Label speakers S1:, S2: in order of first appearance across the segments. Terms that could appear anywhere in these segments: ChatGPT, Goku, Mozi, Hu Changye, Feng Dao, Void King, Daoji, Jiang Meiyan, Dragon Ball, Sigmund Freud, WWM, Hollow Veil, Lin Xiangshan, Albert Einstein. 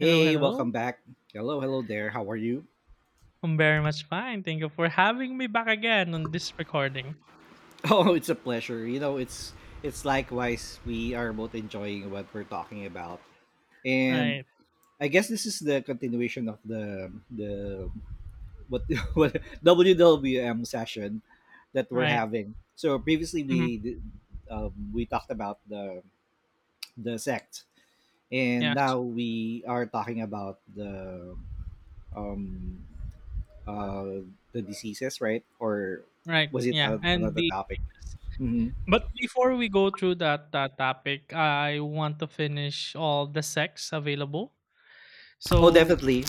S1: Hello,
S2: welcome
S1: hello.
S2: back. Hello, hello there. How are you?
S1: I'm very much fine. Thank you for having me back again on this recording.
S2: Oh, it's a pleasure. It's likewise we are both enjoying what we're talking about. And
S1: Right,
S2: I guess this is the continuation of the what what WWM session that we're
S1: right.
S2: having. So
S1: hmm
S2: we talked about the sect, and
S1: Yes,
S2: now we are talking about um uh the diseases, right? Or
S1: right.
S2: was it
S1: Yeah, and
S2: another
S1: the
S2: topic?
S1: sickness.
S2: hmm
S1: But before we go through that topic, I want to finish all the sex available.
S2: Oh,
S1: So
S2: definitely.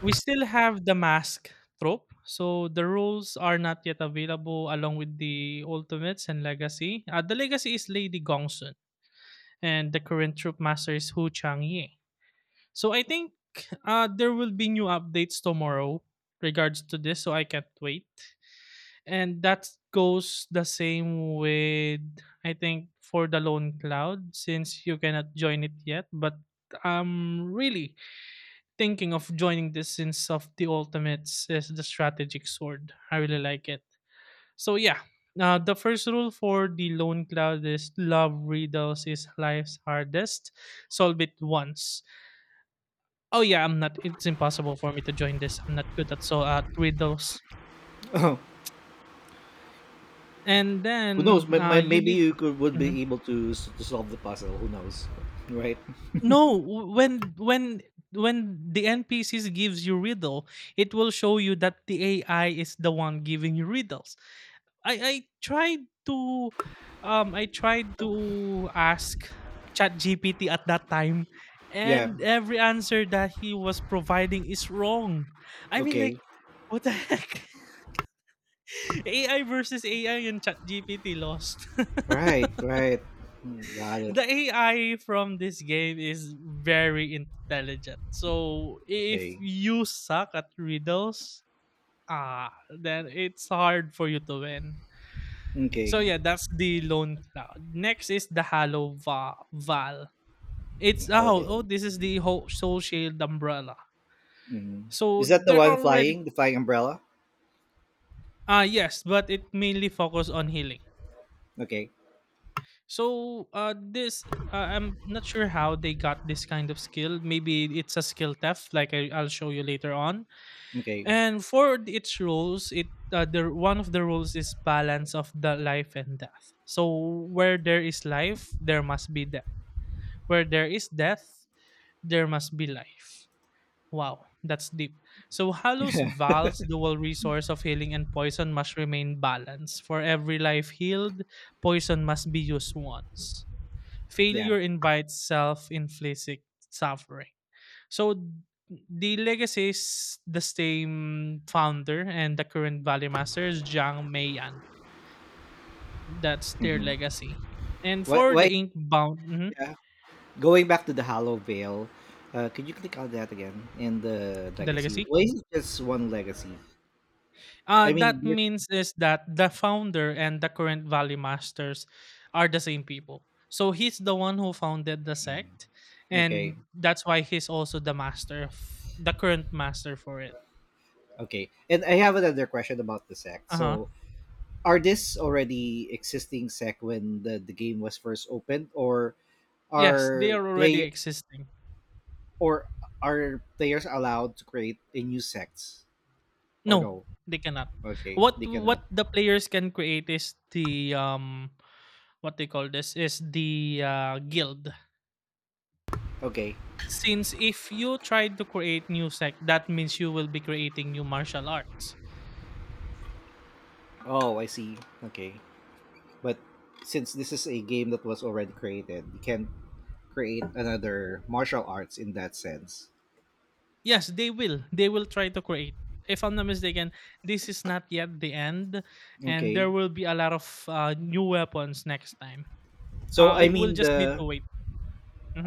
S1: we still have the mask trope. So the rules are not yet available along with the ultimates and legacy. The legacy is Lady Gongsun, and the current troop master is Hu Changye. So I think there will be new updates tomorrow regards to this, so I can't wait. And that goes the same with I think for the Lone Cloud since you cannot join it yet, but I'm really thinking of joining this since of the ultimates is the strategic sword. I really like it. So yeah. The first rule for the Lone Cloud is love riddles is life's hardest. Solve it once. Oh yeah, I'm not. It's impossible for me to join this. I'm not good at at riddles.
S2: Who
S1: And
S2: knows?
S1: then you
S2: Maybe
S1: need.
S2: you could would
S1: Mhm.
S2: be able to to solve the puzzle. Who knows? Right?
S1: No, when the NPCs gives you riddle, it will show you that the AI is the one giving you riddles. I tried to, I tried to ask ChatGPT at that time,
S2: Yeah.
S1: and every answer that he was providing is wrong. I mean,
S2: Okay.
S1: like, what the heck? AI versus AI and ChatGPT lost.
S2: Right. Right. Mm, got it.
S1: The AI from this game is very intelligent. So if
S2: Okay.
S1: you suck at riddles, then it's hard for you to win. So
S2: Okay.
S1: yeah, that's the Lone Cloud. Next is the Val. It's
S2: Alville.
S1: this is the whole Soul Shield umbrella.
S2: hmm
S1: So
S2: Is that the
S1: they're
S2: one
S1: already
S2: flying? The flying umbrella?
S1: yes, but it mainly focus on healing.
S2: Okay.
S1: So this I'm not sure how they got this kind of skill. Maybe it's a skill theft, like I'll show you later on.
S2: Okay.
S1: And for its roles, it the one of the rules is balance of the life and death. So where there is life, there must be death. Where there is death, there must be life. Wow, that's deep. So Halos Val's dual resource of healing and poison must remain balanced. For every life healed, poison must be used once.
S2: Yeah.
S1: Failure invites self inflicted suffering. So the legacy is the same founder and the current Valley Master is Jiang Meiyan. That's their
S2: hmm
S1: legacy. And
S2: Why?
S1: for the
S2: Why?
S1: Inkbound, mhm,
S2: Yeah. Going back to the Hollow Veil. Could you click on that again? And the
S1: the
S2: legacy.
S1: legacy,
S2: Why is it just one legacy? I mean,
S1: that
S2: there's-
S1: means is that the founder and the current Valley Masters are the same people. So he's the one who founded the
S2: Mm,
S1: sect,
S2: okay.
S1: and that's why he's also the master, of, the current master for it.
S2: Okay. And I have another question about the sect.
S1: Uh huh.
S2: So, are this already existing sect when the game was first opened, or
S1: Yes, they
S2: are
S1: are already
S2: player
S1: existing.
S2: or are players allowed to create a new sects, or
S1: No,
S2: no?
S1: they cannot.
S2: Okay,
S1: What
S2: they cannot.
S1: what the players can create is the what they call this is the guild.
S2: Okay.
S1: Since if you try to create new sect, that means you will be creating new martial arts.
S2: Oh, I see. Okay. But since this is a game that was already created, you can not create another martial arts in that sense.
S1: Yes, they will. They will try to create. If I'm not mistaken, this is not yet the end, and there
S2: Okay.
S1: will be a lot of new weapons next time.
S2: So I
S1: It will
S2: mean
S1: just need to
S2: the
S1: wait.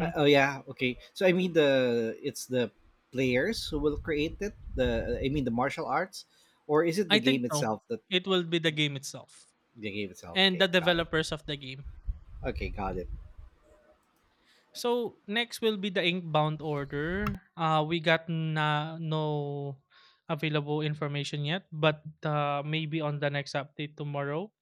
S2: Oh yeah, okay. So I mean the it's the players who will create it. The I mean the martial arts, or is it the
S1: I think
S2: game
S1: no,
S2: itself that
S1: it will be the game itself,
S2: the game itself?
S1: and the
S2: Okay, got it.
S1: developers of the game.
S2: Okay, got it.
S1: So next will be the Inkbound order. We got na no available information yet, but maybe on the next update tomorrow.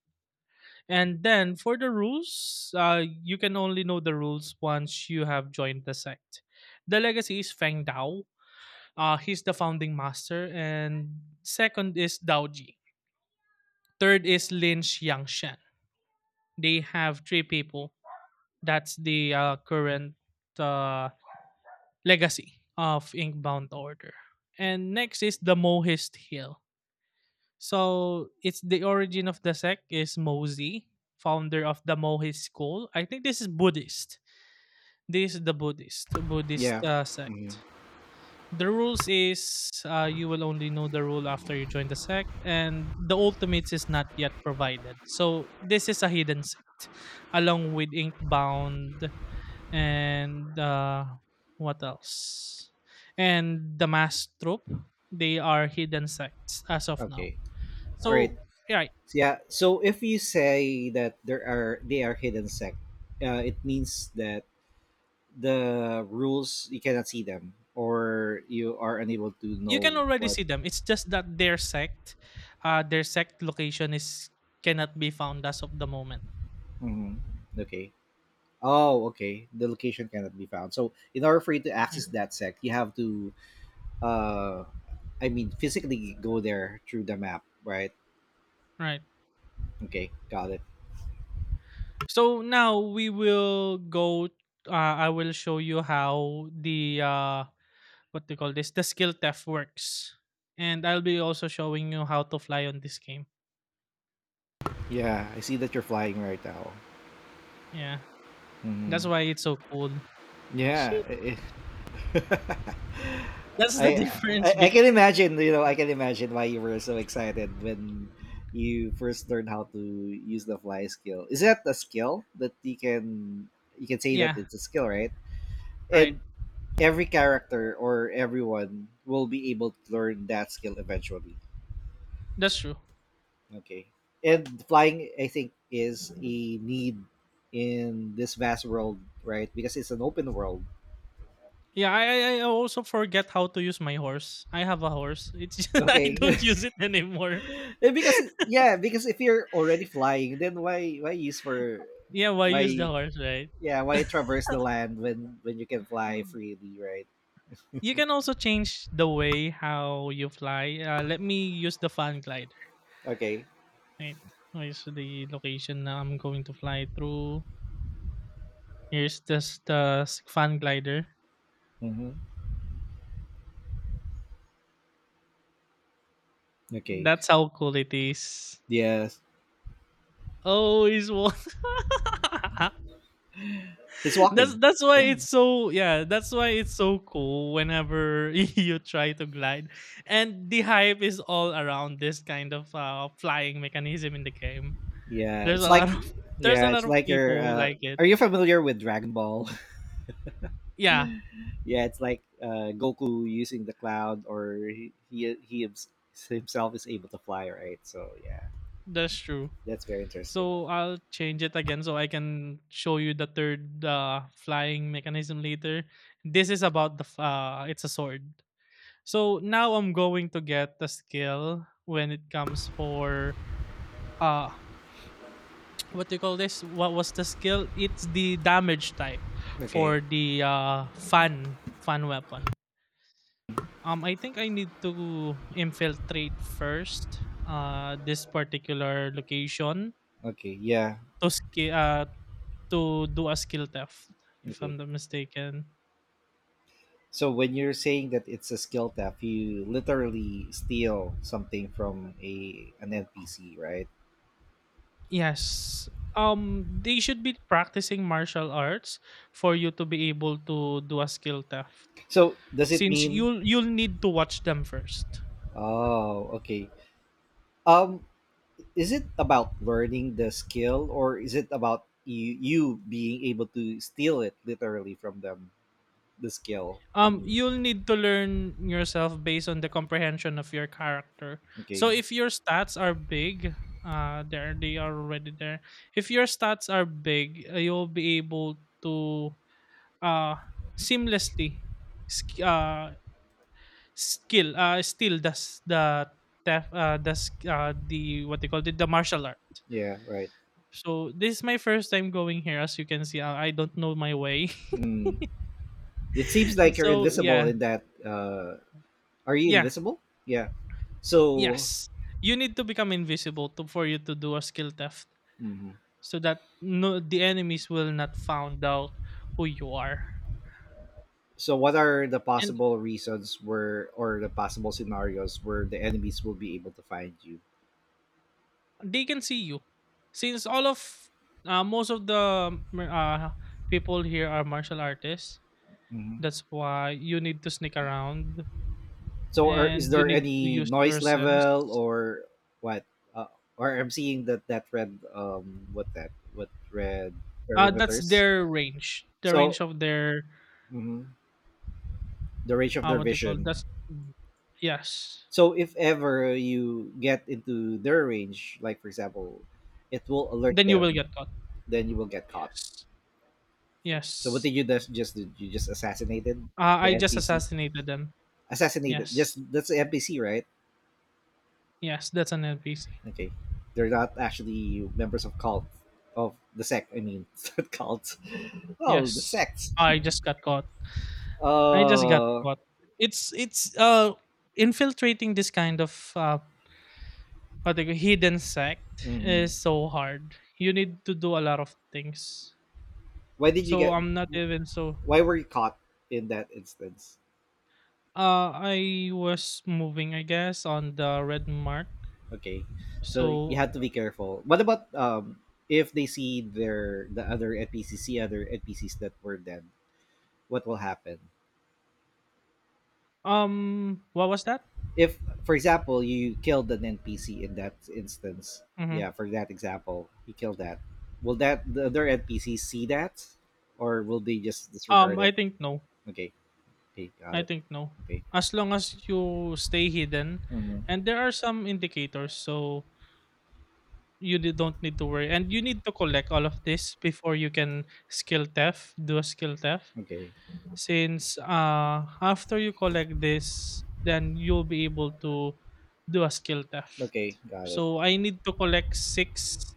S1: And then for the rules, you can only know the rules once you have joined the sect. The legacy is Feng Dao. He's the founding master, and second is Daoji. Third is Lin Xiangshan. They have three people. That's the current uh, legacy of Inkbound Order. And next is the Mohist Hill. So it's the origin of the sect is Mozi, founder of the Mohist school. I think this is Buddhist. This is the Buddhist Buddhist
S2: Yeah.
S1: uh,
S2: hmm
S1: sect. The rules is you will only know the rule after you join the sect, and the ultimates is not yet provided. So this is a hidden sect, along with Inkbound and what else? And the mass troop, they are hidden sects as of now.
S2: Okay. All right.
S1: So yeah,
S2: So, yeah. So if you say that there are they are hidden sect, it means that the rules you cannot see them, or you are unable to
S1: you can
S2: know
S1: already
S2: what.
S1: see them. It's just that their sect location is cannot be found as of the moment.
S2: hmm Okay. Oh, okay. The location cannot be found. So in order for you to
S1: Yeah,
S2: access that sect, you have to, uh, I mean, physically go there through the map, right?
S1: right.
S2: Okay, got it.
S1: So now we will go. I will show you how the what they call this the skill theft works, and I'll be also showing you how to fly on this game.
S2: Yeah, I see that you're flying right now.
S1: Yeah, that's why
S2: hmm
S1: it's so cool.
S2: Yeah,
S1: Shit.
S2: I,
S1: That's the
S2: I
S1: difference
S2: I
S1: bet
S2: can imagine. You know, I can imagine why you were so excited when you first learned how to use the fly skill. Is that a skill that you can say that
S1: yeah,
S2: it's a skill, right?
S1: right.
S2: And every character or everyone will be able to learn that skill eventually.
S1: That's true.
S2: Okay. And flying, I think, is a need in this vast world, right? Because it's an open world.
S1: Yeah, I also forget how to use my horse. I have a horse. It's I
S2: Okay.
S1: don't use it anymore.
S2: And because yeah, because if you're already flying, then why use for
S1: Yeah, why
S2: why
S1: use the horse, right?
S2: yeah, why traverse the land when you can fly freely, right?
S1: You can also change the way how you fly. Let me use the fan glider.
S2: Okay.
S1: Right. Where's the location na I'm going to fly through? Here's this the fan glider.
S2: Mm-hmm. Okay.
S1: That's how cool it is.
S2: Yes.
S1: Oh, is what?
S2: He's
S1: that's
S2: walking.
S1: that's why it's so yeah that's why it's so cool whenever you try to glide and the hype is all around this kind of flying mechanism in the game.
S2: Yeah,
S1: There's
S2: it's
S1: a lot
S2: like
S1: of there's
S2: yeah,
S1: a lot
S2: it's
S1: of
S2: like you're
S1: people like it.
S2: are you familiar with Dragon Ball?
S1: Yeah,
S2: Yeah, it's like Goku using the cloud, or himself is able to fly, right? So yeah,
S1: that's true.
S2: that's very interesting.
S1: So I'll change it again so I can show you the third flying mechanism later. This is about the it's a sword. So now I'm going to get the skill when it comes for uh what do you call this? What was the skill? It's the damage type
S2: Okay.
S1: for the uh fan weapon. I think I need to infiltrate first this particular location
S2: Okay, yeah.
S1: to ski uh to do a skill theft, if
S2: Okay.
S1: I'm not mistaken.
S2: So when you're saying that it's a skill theft, you literally steal something from a an NPC, right?
S1: Yes. They should be practicing martial arts for you to be able to do a skill theft.
S2: So does it
S1: Since
S2: mean
S1: you'll need to watch them first.
S2: Oh, okay. Um, is it about learning the skill, or is it about you being able to steal it literally from them the skill I mean?
S1: You'll need to learn yourself based on the comprehension of your character. So
S2: Okay.
S1: if your stats are big there they are already there if your stats are big, you'll be able to uh seamlessly sk- skill still does the tef- the sk- the what they call it the martial art.
S2: Yeah, right.
S1: So this is my first time going here as you can see. I don't know my way.
S2: Mm, it seems like you're
S1: So
S2: invisible
S1: yeah,
S2: in that are you
S1: yeah.
S2: invisible? Yeah. So
S1: Yes, you need to become invisible to for you to do a skill theft
S2: mhm.
S1: so that no the enemies will not found out who you are.
S2: So what are the
S1: And
S2: possible reasons where, or the possible scenarios where the enemies will be able to find you?
S1: they can see you since all of most of the people here are martial artists.
S2: Hmm.
S1: That's why you need to sneak around,
S2: So, are, is
S1: and you
S2: there
S1: need to
S2: any
S1: use
S2: noise
S1: your
S2: level
S1: sense.
S2: or what? Uh, or I'm seeing that red what red
S1: That's
S2: perimeters.
S1: their range, the
S2: So
S1: range of their
S2: mhm, the range of their
S1: what they call
S2: vision.
S1: that's yes
S2: So if ever you get into their range, like for example, it will alert
S1: then you will
S2: them.
S1: get caught.
S2: Then you will get caught.
S1: Yes.
S2: So what
S1: Yes.
S2: did you just did you just assassinated the
S1: I just
S2: NPC?
S1: assassinated them.
S2: Assassinated. Just
S1: Yes.
S2: that's the NPC, right?
S1: Yes, that's an NPC.
S2: Okay, they're not actually members of cult of the sect. I mean, not cults. Oh, the
S1: Yes.
S2: sects.
S1: I just got caught. I just got
S2: Uh,
S1: caught. It's Infiltrating this kind of hidden sect
S2: mhm.
S1: is so hard. You need to do a lot of things.
S2: why did you
S1: So
S2: get?
S1: I'm not even so
S2: Why were you caught in that instance?
S1: I was moving I guess on the red mark.
S2: Okay, so you
S1: So
S2: had to be careful. What about if they see the other NPC, see other NPCs that were dead? What will happen?
S1: what was that?
S2: If, for example, you killed an NPC in that instance,
S1: Mm-hmm.
S2: yeah for that example you killed that, will that the other NPCs see that, or will they just disregard it?
S1: I think no.
S2: Okay, okay, got
S1: I
S2: it.
S1: think no.
S2: Okay.
S1: As long as you stay hidden,
S2: Hmm.
S1: and there are some indicators, so you don't need to worry. And you need to collect all of this before you can do a skill theft.
S2: Okay,
S1: Since after you collect this, then you'll be able to do a skill theft.
S2: okay, got it.
S1: So I need to collect six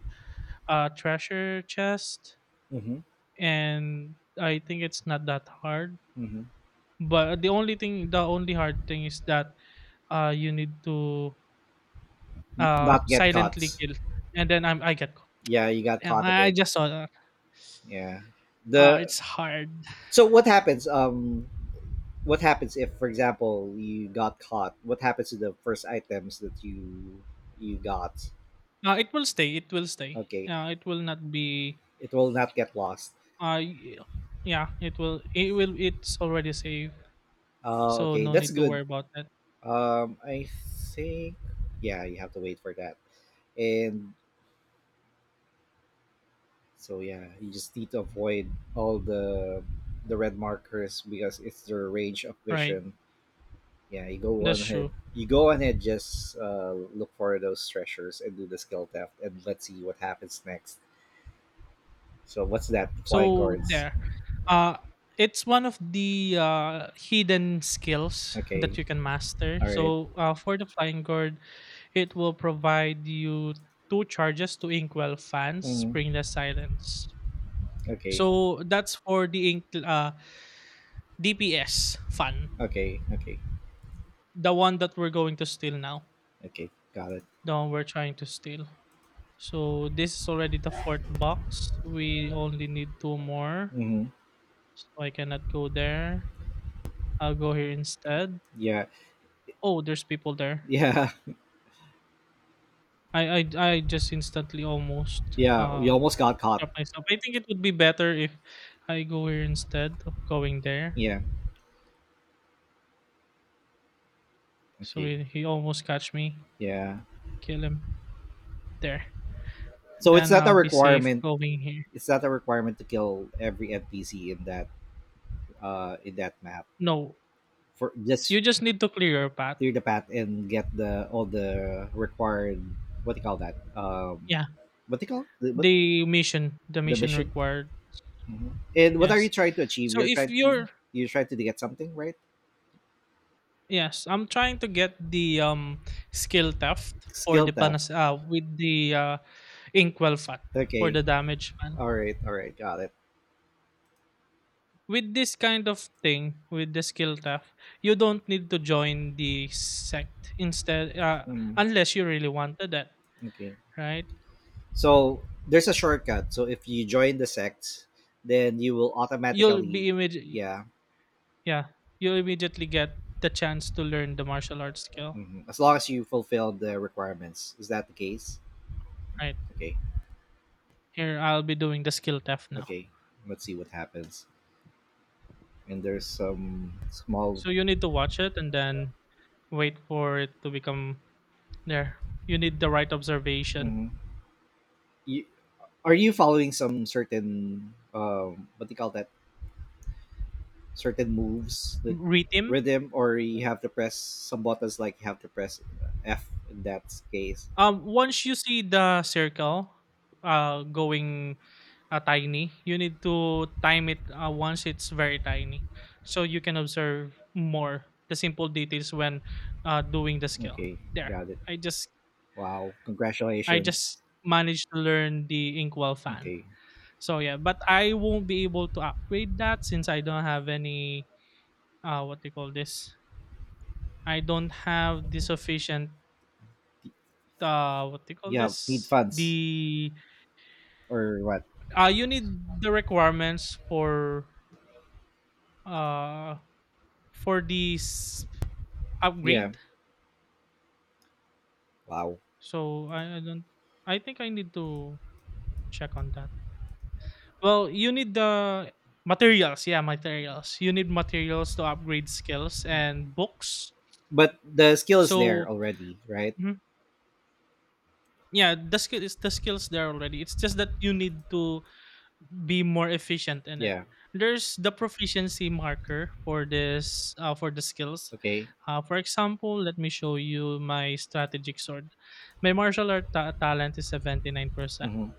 S1: treasure chest,
S2: Mm-hmm.
S1: and I think it's not that hard.
S2: Mm-hmm.
S1: But the only thing, the only hard thing is that you need to
S2: Not get
S1: silently
S2: caught.
S1: kill, and then I get caught.
S2: Yeah, you got
S1: Damn,
S2: caught
S1: I
S2: again.
S1: just saw that.
S2: Yeah. The
S1: It's hard.
S2: so what happens if, for example, you got caught, what happens to the first items that you got?
S1: It will stay. It will stay.
S2: Okay,
S1: Yeah, it will not be.
S2: it will not get lost.
S1: Uh, y- yeah, it will. It will. It's already safe, so
S2: Okay,
S1: no
S2: that's
S1: need to
S2: good.
S1: worry about that.
S2: I think yeah, you have to wait for that, and so yeah, you just need to avoid all the red markers because it's their range of
S1: Right,
S2: vision. Yeah, you go
S1: that's
S2: on ahead.
S1: true.
S2: You go on ahead. Just look for those treasures and do the skill theft, and let's see what happens next. So what's that? Flying
S1: So
S2: cards.
S1: there, uh, it's one of the hidden skills
S2: Okay.
S1: that you can master.
S2: All right.
S1: So for the flying guard, it will provide you two charges to Inkwell fans,
S2: Mm,
S1: Spring the Silence.
S2: okay.
S1: So that's for the Ink DPS fan,
S2: Okay. Okay.
S1: the one that we're going to steal now,
S2: Okay. Got it.
S1: the one we're trying to steal. So this is already the fourth box. We only need two more,
S2: hmm
S1: so I cannot go there. I'll go here instead.
S2: Yeah.
S1: Oh, there's people there.
S2: Yeah.
S1: I just instantly almost
S2: Yeah, we almost got caught.
S1: stop myself. I think it would be better if I go here instead of going there.
S2: Yeah.
S1: So
S2: Okay.
S1: he almost catch me,
S2: Yeah.
S1: kill him there.
S2: So it's
S1: Then
S2: not
S1: I'll
S2: a
S1: be safe
S2: requirement.
S1: going here.
S2: It's not a requirement to kill every NPC in that map.
S1: No,
S2: For just
S1: you just need to clear your path.
S2: clear the path and get the all the required what do you call that?
S1: Yeah,
S2: What do you call the what
S1: the
S2: the
S1: mission
S2: mission?
S1: required.
S2: Mhm. And what are you
S1: Yes.
S2: trying to achieve?
S1: So if you're
S2: You're trying to get something, right?
S1: yes, I'm trying to get the skill theft for
S2: Skill
S1: the
S2: theft.
S1: panas, with the inkwell fan for
S2: Okay.
S1: the damage fan.
S2: All right. All right. Got it.
S1: With this kind of thing, with the skill theft, you don't need to join the sect instead,
S2: Mm,
S1: unless you really wanted that,
S2: okay.
S1: right?
S2: So there's a shortcut. So if you join the sect, then you will
S1: you'll be
S2: automatically,
S1: immediately
S2: yeah,
S1: yeah you'll immediately get the chance to learn the martial arts skill,
S2: mhm. as long as you fulfill the requirements. Is that the case?
S1: right?
S2: Okay,
S1: Here, I'll be doing the skill theft now.
S2: okay. Let's see what happens. And there's some small.
S1: So you need to watch it and then wait for it to become there. You need the right observation.
S2: Mhm. You, are you following some certain what do you call that? Certain moves that
S1: Rhythm.
S2: rhythm, or you have to press some buttons like you have to press F in that case.
S1: Once you see the circle, going, tiny, you need to time it, once it's very tiny, so you can observe more the simple details when, doing the scale.
S2: Okay,
S1: There,
S2: got it.
S1: I just
S2: Wow,
S1: I just
S2: congratulations.
S1: managed to learn the inkwell fan.
S2: Okay,
S1: So yeah, but I won't be able to upgrade that since I don't have any, what do you call this? I don't have the sufficient, what do you call
S2: yeah need
S1: this?
S2: funds
S1: The
S2: or what?
S1: You need the requirements uh for this
S2: Yeah.
S1: upgrade.
S2: Wow.
S1: So I don't. I think I need to check on that. Well, you need the materials. Yeah, materials. You need materials to upgrade skills and books.
S2: But the skill is there
S1: So,
S2: already, right?
S1: mhm, yeah, the skills there already. It's just that you need to be more efficient in it.
S2: Yeah.
S1: There's the proficiency marker for this, for the skills.
S2: Okay.
S1: For example, let me show you my strategic sword. My martial art talent is 79%.
S2: Mm-hmm.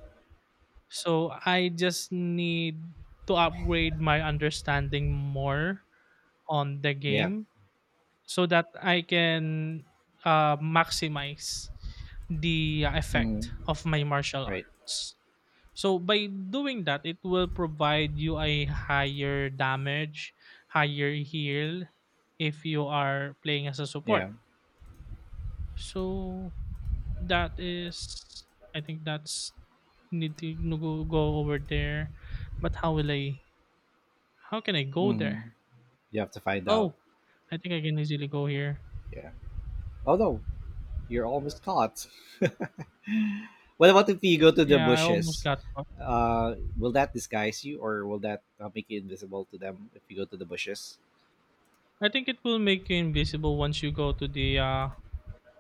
S1: So I just need to upgrade my understanding more on the
S2: Yeah.
S1: game so that I can, maximize the
S2: Mm-hmm.
S1: effect of my martial
S2: Right.
S1: arts. So by doing that, it will provide you a higher damage, higher heal if you are playing as a support.
S2: Yeah.
S1: So that is, I think that's need to go over there. But how will I? How can I go
S2: Mm-hmm.
S1: there?
S2: You have to find out.
S1: Oh, I think I can easily go here.
S2: Yeah. Oh no, you're almost caught. What about if you go to the
S1: Yeah, I almost
S2: bushes,
S1: got caught.
S2: will that disguise you, or will that make you invisible to them if you go to the bushes?
S1: I think it will make you invisible once you go to the uh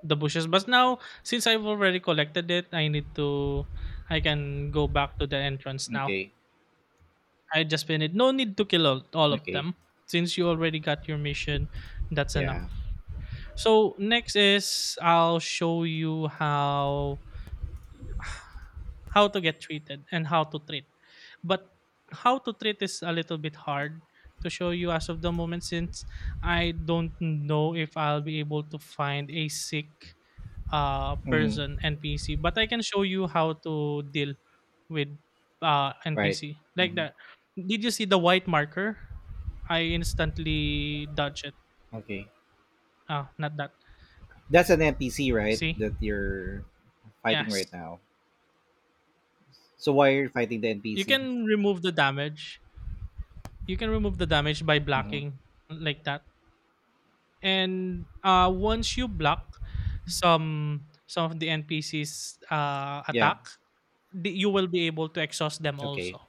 S1: the bushes. But now since I've already collected it, I can go back to the entrance now.
S2: Okay.
S1: I just been it. No need to kill all of
S2: Okay.
S1: them. Since you already got your mission, that's enough.
S2: Yeah.
S1: So next is I'll show you how to get treated and how to treat. But how to treat is a little bit hard to show you as of the moment since I don't know if I'll be able to find a sick
S2: Mm-hmm.
S1: person NPC. But I can show you how to deal with
S2: Right.
S1: NPC like
S2: Mm-hmm.
S1: that. Did you see the white marker? I instantly dodge it.
S2: Okay.
S1: Ah, not that.
S2: That's an NPC, right?
S1: See?
S2: That you're fighting right
S1: Yes.
S2: now. So why are you fighting the
S1: You
S2: NPC?
S1: can remove the damage. You can remove the damage by
S2: hmm
S1: blocking like that. And once you block some of the NPCs
S2: Yeah.
S1: attack, you will be able to exhaust them
S2: Okay.
S1: also.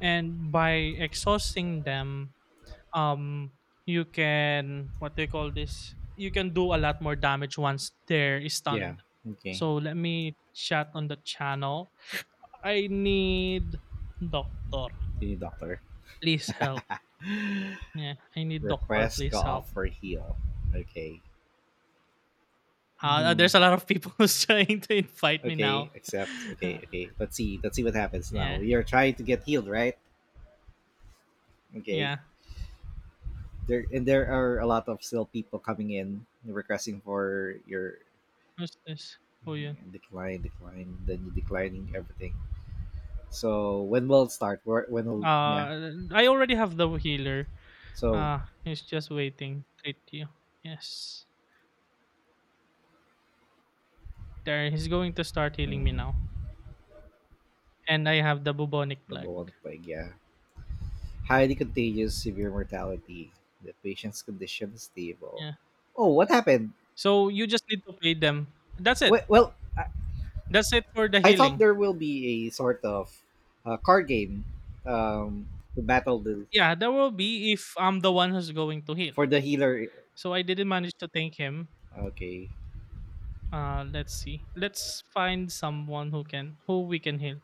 S1: And by exhausting them, um, you can what they call this. You can do a lot more damage once they're
S2: Yeah.
S1: stunned.
S2: Okay.
S1: So let me chat on the channel. I need doctor.
S2: You need doctor.
S1: Please help. Yeah, I need doctor.
S2: Request go
S1: Please
S2: off
S1: help.
S2: for heal. Okay. Hmm.
S1: There's a lot of people who's trying to invite me
S2: Okay.
S1: now.
S2: Accept. Okay. Okay. Let's see. Let's see what happens now.
S1: Yeah,
S2: You're trying to get healed, right? Okay.
S1: yeah.
S2: There and there are a lot of still people coming in requesting for your
S1: Who's this? Who you?
S2: mm-hmm, decline, decline. Then you declining everything. So when will start? Where- When will yeah?
S1: I already have the healer.
S2: So
S1: He's just waiting. Treat you. Yes. There, he's going to start healing me
S2: mm,
S1: now. And I have the bubonic plague.
S2: nabuo nagpaig, yeah. Highly contagious, severe mortality. The patient's condition is stable.
S1: Yeah.
S2: Oh, what happened?
S1: So you just need to pay them. That's it.
S2: Well, well I,
S1: That's it for the
S2: I thought
S1: healing.
S2: there will be a sort of card game um, to battle the
S1: Yeah, that will be if I'm the one who's going to heal.
S2: for the healer.
S1: So I didn't manage to thank him.
S2: Okay.
S1: Let's see. Let's find someone who we can heal.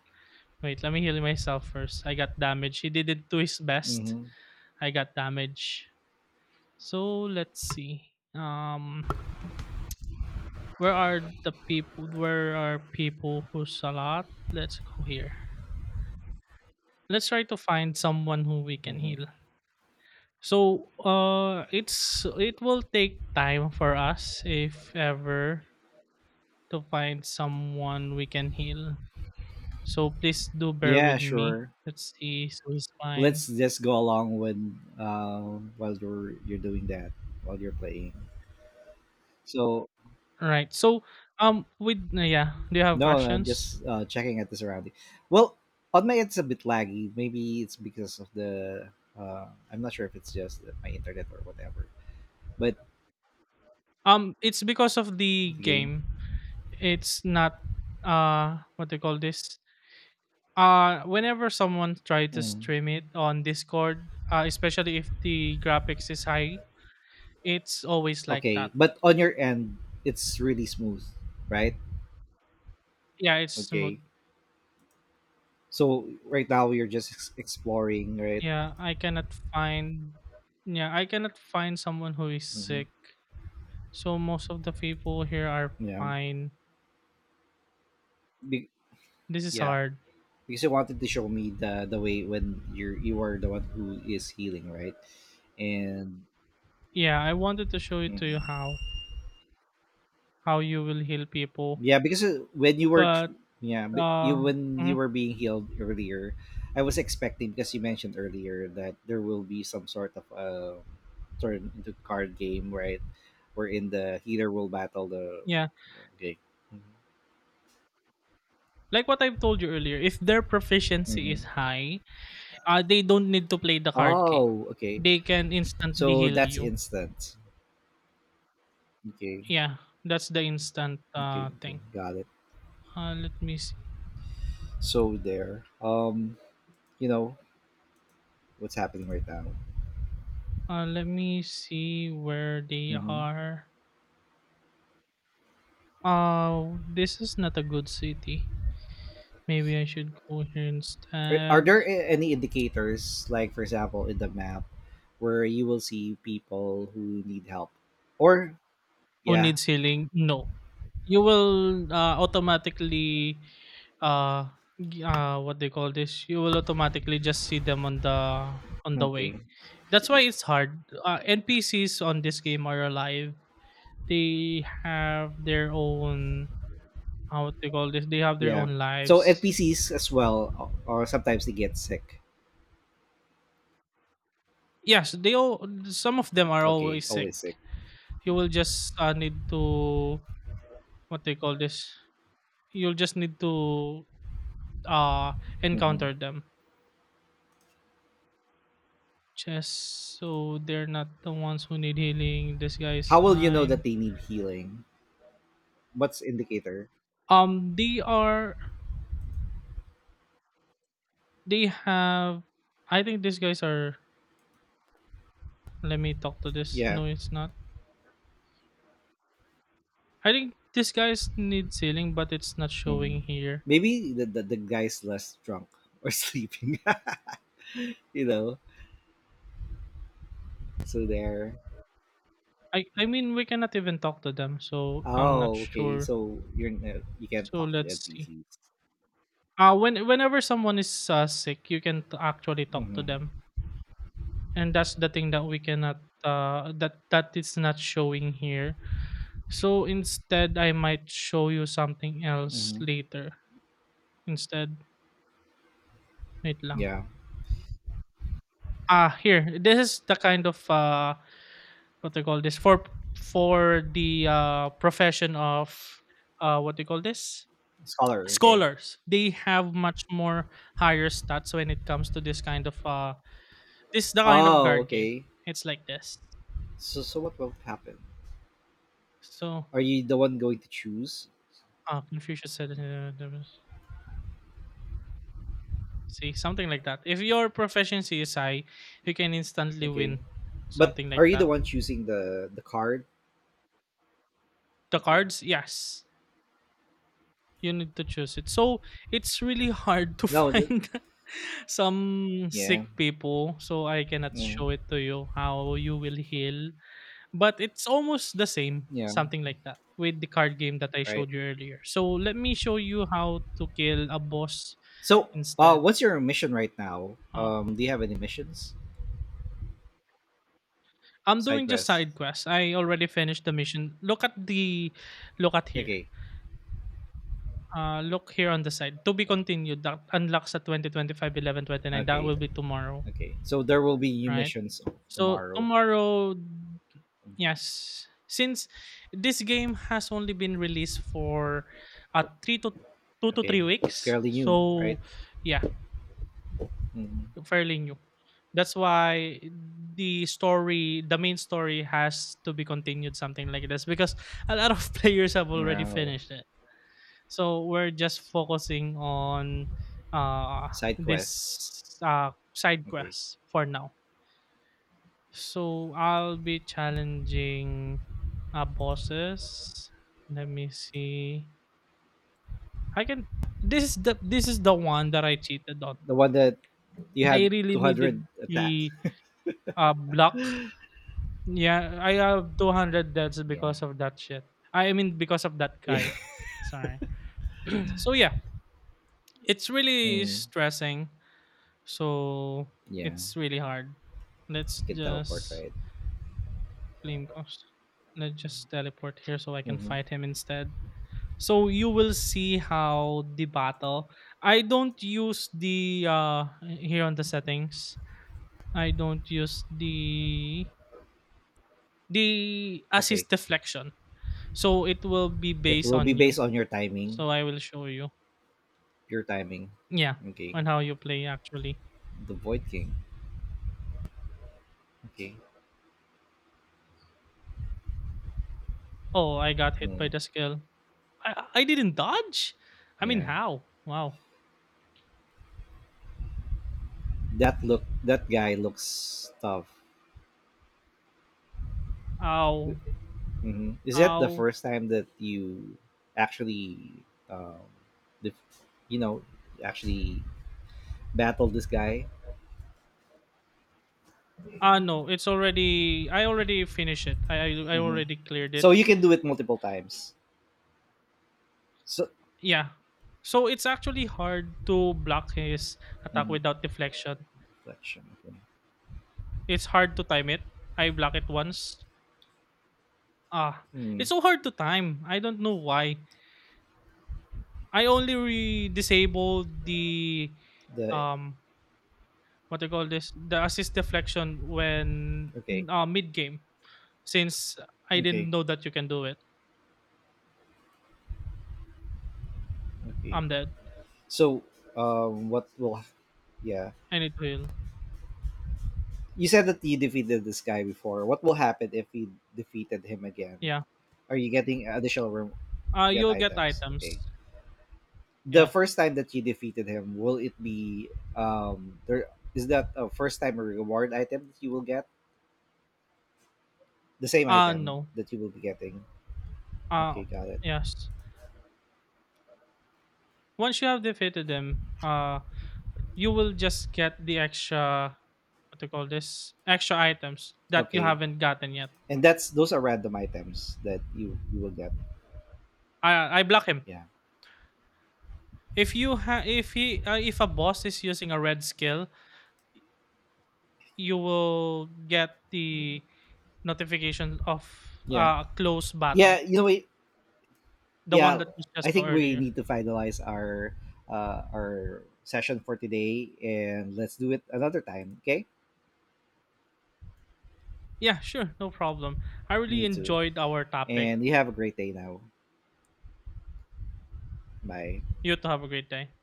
S1: Wait, let me heal myself first. I got damage. He did it to his best.
S2: Mm-hmm.
S1: I got damage. So let's see. Where are the people? Where are people who's a lot? Let's go here. Let's try to find someone who we can
S2: Mm-hmm.
S1: heal. So, it will take time for us if ever to find someone we can heal. So please do bear
S2: Yeah,
S1: with me.
S2: sure.
S1: Let's see. So he's fine.
S2: Let's just go along when while you're doing that while you're playing. So
S1: Right. So, with, yeah, do you have
S2: no, I'm
S1: questions?
S2: just checking at the surrounding. Well, on my it's a bit laggy. Maybe it's because of the. I'm not sure if it's just my internet or whatever. But
S1: It's because of the
S2: the game.
S1: game. It's not, what they call this. Whenever someone try to
S2: Mm.
S1: stream it on Discord, especially if the graphics is high, it's always like
S2: Okay,
S1: that.
S2: but on your end, it's really smooth, right?
S1: Yeah, it's smooth.
S2: Okay. So right now you're just exploring, right?
S1: Yeah, I cannot find yeah, I cannot find someone who is
S2: hmm
S1: sick. So most of the people here are
S2: Yeah.
S1: fine.
S2: Be-
S1: This is
S2: yeah.
S1: hard.
S2: Because you wanted to show me the way when you are the one who is healing, right? And
S1: Yeah, I wanted to show it to you
S2: mhm.
S1: how you will heal people,
S2: Yeah, because when you were,
S1: but,
S2: yeah, you
S1: uh,
S2: when you
S1: mhm,
S2: were being healed earlier, I was expecting because you mentioned earlier that there will be some sort of turn into card game, right? Wherein the healer will battle the.
S1: yeah,
S2: Okay.
S1: like what I've told you earlier, if their proficiency is
S2: hmm
S1: high, they don't need to play the card game.
S2: Oh, okay.
S1: They can instantly
S2: So
S1: heal
S2: that's
S1: you.
S2: instant. Okay,
S1: Yeah, that's the instant
S2: okay, okay.
S1: thing.
S2: Got it.
S1: Let me see.
S2: So there. You know what's happening right now.
S1: Let me see where they
S2: Mhm.
S1: are. This is not a good city. Maybe I should go here
S2: Are
S1: instead.
S2: there any indicators, like for example in the map, where you will see people who need help? Or
S1: Who
S2: yeah,
S1: needs healing? No. You will, automatically, uh, g what they call this? You will automatically just see them on the
S2: okay,
S1: way. That's why it's hard. NPCs on this game are alive. They have their own how do you call this? They have their
S2: yeah.
S1: own
S2: So
S1: lives.
S2: NPCs as well, or sometimes they get sick.
S1: Yes, they all, some of them are
S2: Okay,
S1: always sick.
S2: always sick.
S1: You will just, need to what they call this? You'll just need to uh
S2: hmm
S1: encounter them. Just so they're not the ones who need healing. This guy is
S2: How will you know that
S1: fine.
S2: they need healing? What's indicator?
S1: They are. They have. I think these guys are. Let me talk to this.
S2: Yeah.
S1: No, it's not. I think these guys need healing, but it's not
S2: Mhm.
S1: showing here.
S2: Maybe the guy's less drunk or sleeping. You know, so there.
S1: I mean we cannot even talk to them, so I'm not
S2: Oh, okay.
S1: sure.
S2: So you're you can't
S1: So
S2: talk to
S1: let's see.
S2: NPCs.
S1: Whenever someone is, sick, you can actually talk to
S2: Mhm.
S1: them, and that's the thing that we cannot. That is not showing here. So instead, I might show you something else
S2: hmm
S1: later. Instead, wait lang.
S2: Yeah.
S1: Ah, here. This is the kind of, what they call this, for the, profession of, what they call this,
S2: Scholar. Okay.
S1: scholars. They have much more higher stats when it comes to this kind of, this is the kind of
S2: Oh,
S1: guard game.
S2: okay.
S1: It's like this.
S2: So, so what will happen?
S1: So,
S2: Are you the one going to choose?
S1: Confucius said See, something like that. If your proficiency is high, you can instantly
S2: Okay.
S1: win.
S2: But
S1: Something
S2: are
S1: like
S2: you the
S1: that.
S2: one choosing the card?
S1: The
S2: Okay.
S1: cards, yes. You need to choose it. So it's really hard to
S2: No. The,
S1: find some sick
S2: yeah.
S1: people. So I cannot
S2: Mm,
S1: show it to you how you will heal. But it's almost the same.
S2: yeah.
S1: Something like that. With the card game that I
S2: Right.
S1: showed you earlier. So let me show you how to kill a boss
S2: So,
S1: instead.
S2: what's your mission right now? Do you have any missions?
S1: I'm
S2: Side
S1: doing just
S2: quests.
S1: side quests. I already finished the mission. Look at here.
S2: Okay.
S1: Look here on the side. To be continued. That unlocks at 29. That
S2: Okay.
S1: will be tomorrow,
S2: Okay. So there will be new
S1: right?
S2: missions
S1: So
S2: tomorrow.
S1: tomorrow,
S2: Mhm.
S1: yes. Since this game has only been released for, three to two to
S2: Okay.
S1: three weeks.
S2: Fairly new, right?
S1: So, yeah,
S2: Mm-hmm.
S1: yung fairly new. That's why the story, the main story, has to be continued, something like this, because a lot of players have already
S2: Wow.
S1: finished it. So we're just focusing on, uh,
S2: Side quests.
S1: this, side
S2: Okay.
S1: quest for now. So I'll be challenging, bosses. Let me see. I can. This is the one that I cheated on.
S2: The one that you
S1: I
S2: had
S1: really
S2: 200
S1: needed
S2: attacks.
S1: the, block. Yeah, I have 200 deaths
S2: Yeah.
S1: because of that shit. I mean, because of that
S2: Yeah.
S1: guy. Sorry. So yeah, it's really
S2: Mm.
S1: stressing. So
S2: Yeah.
S1: it's really hard. Let's
S2: You can teleport,
S1: just
S2: right?
S1: claim cost. Let's just teleport here so I can
S2: Mm-hmm.
S1: fight him instead. So you will see how the battle. I don't use the, here on the settings. I don't use the
S2: Okay.
S1: assist deflection. So it will be
S2: It
S1: based
S2: will be
S1: on you.
S2: based on your timing.
S1: So I will show you.
S2: Your timing.
S1: Yeah,
S2: Okay.
S1: on how you play actually.
S2: The Void King. Okay.
S1: Oh, I got hit by
S2: Mm.
S1: the skill. I didn't dodge. I mean,
S2: Yeah.
S1: how? Wow.
S2: That look. That guy looks tough.
S1: Ow.
S2: Mm-hmm. Is that the
S1: Ow.
S2: first time that you actually, def you know, actually battle this guy?
S1: Ah no, it's already. I already finished it. I
S2: Mm-hmm.
S1: already cleared
S2: So
S1: it.
S2: you can do it multiple times. So
S1: Yeah. So it's actually hard to block his attack
S2: mm-hmm.
S1: without deflection.
S2: Reflection. Okay.
S1: It's hard to time it. I block it once. Ah,
S2: Hmm.
S1: it's so hard to time. I don't know why. I only disabled the,
S2: The
S1: um what they call this, the assist deflection when,
S2: okay,
S1: mid game since I
S2: okay,
S1: didn't know that you can do it.
S2: okay.
S1: I'm dead.
S2: So, what will? Yeah,
S1: I need to heal.
S2: you said that you defeated this guy before. What will happen if we defeated him again?
S1: Yeah.
S2: Are you getting get
S1: You'll get
S2: items? Okay.
S1: items.
S2: The
S1: Yeah.
S2: first time that you defeated him, will it be there? Is that a first time reward item that you will get? The same item
S1: No.
S2: that you will be getting.
S1: Uh
S2: Okay, got it.
S1: yes. Once you have defeated them, you will just get the extra, what they call this, extra items that you
S2: Okay,
S1: haven't gotten yet.
S2: and that's those are random items that you will get.
S1: I block him.
S2: Yeah,
S1: If you ha- If a boss is using a red skill, you will get the notification of,
S2: yeah.
S1: a close
S2: Yeah,
S1: battle,
S2: you know,
S1: the one
S2: yeah
S1: that you
S2: I
S1: just saw
S2: think we
S1: earlier.
S2: need to finalize our session for today, and let's do it another time, okay.
S1: Yeah, sure, no problem. I really
S2: Me too,
S1: enjoyed our topic.
S2: and you have a great day now. Bye.
S1: You too have a great day.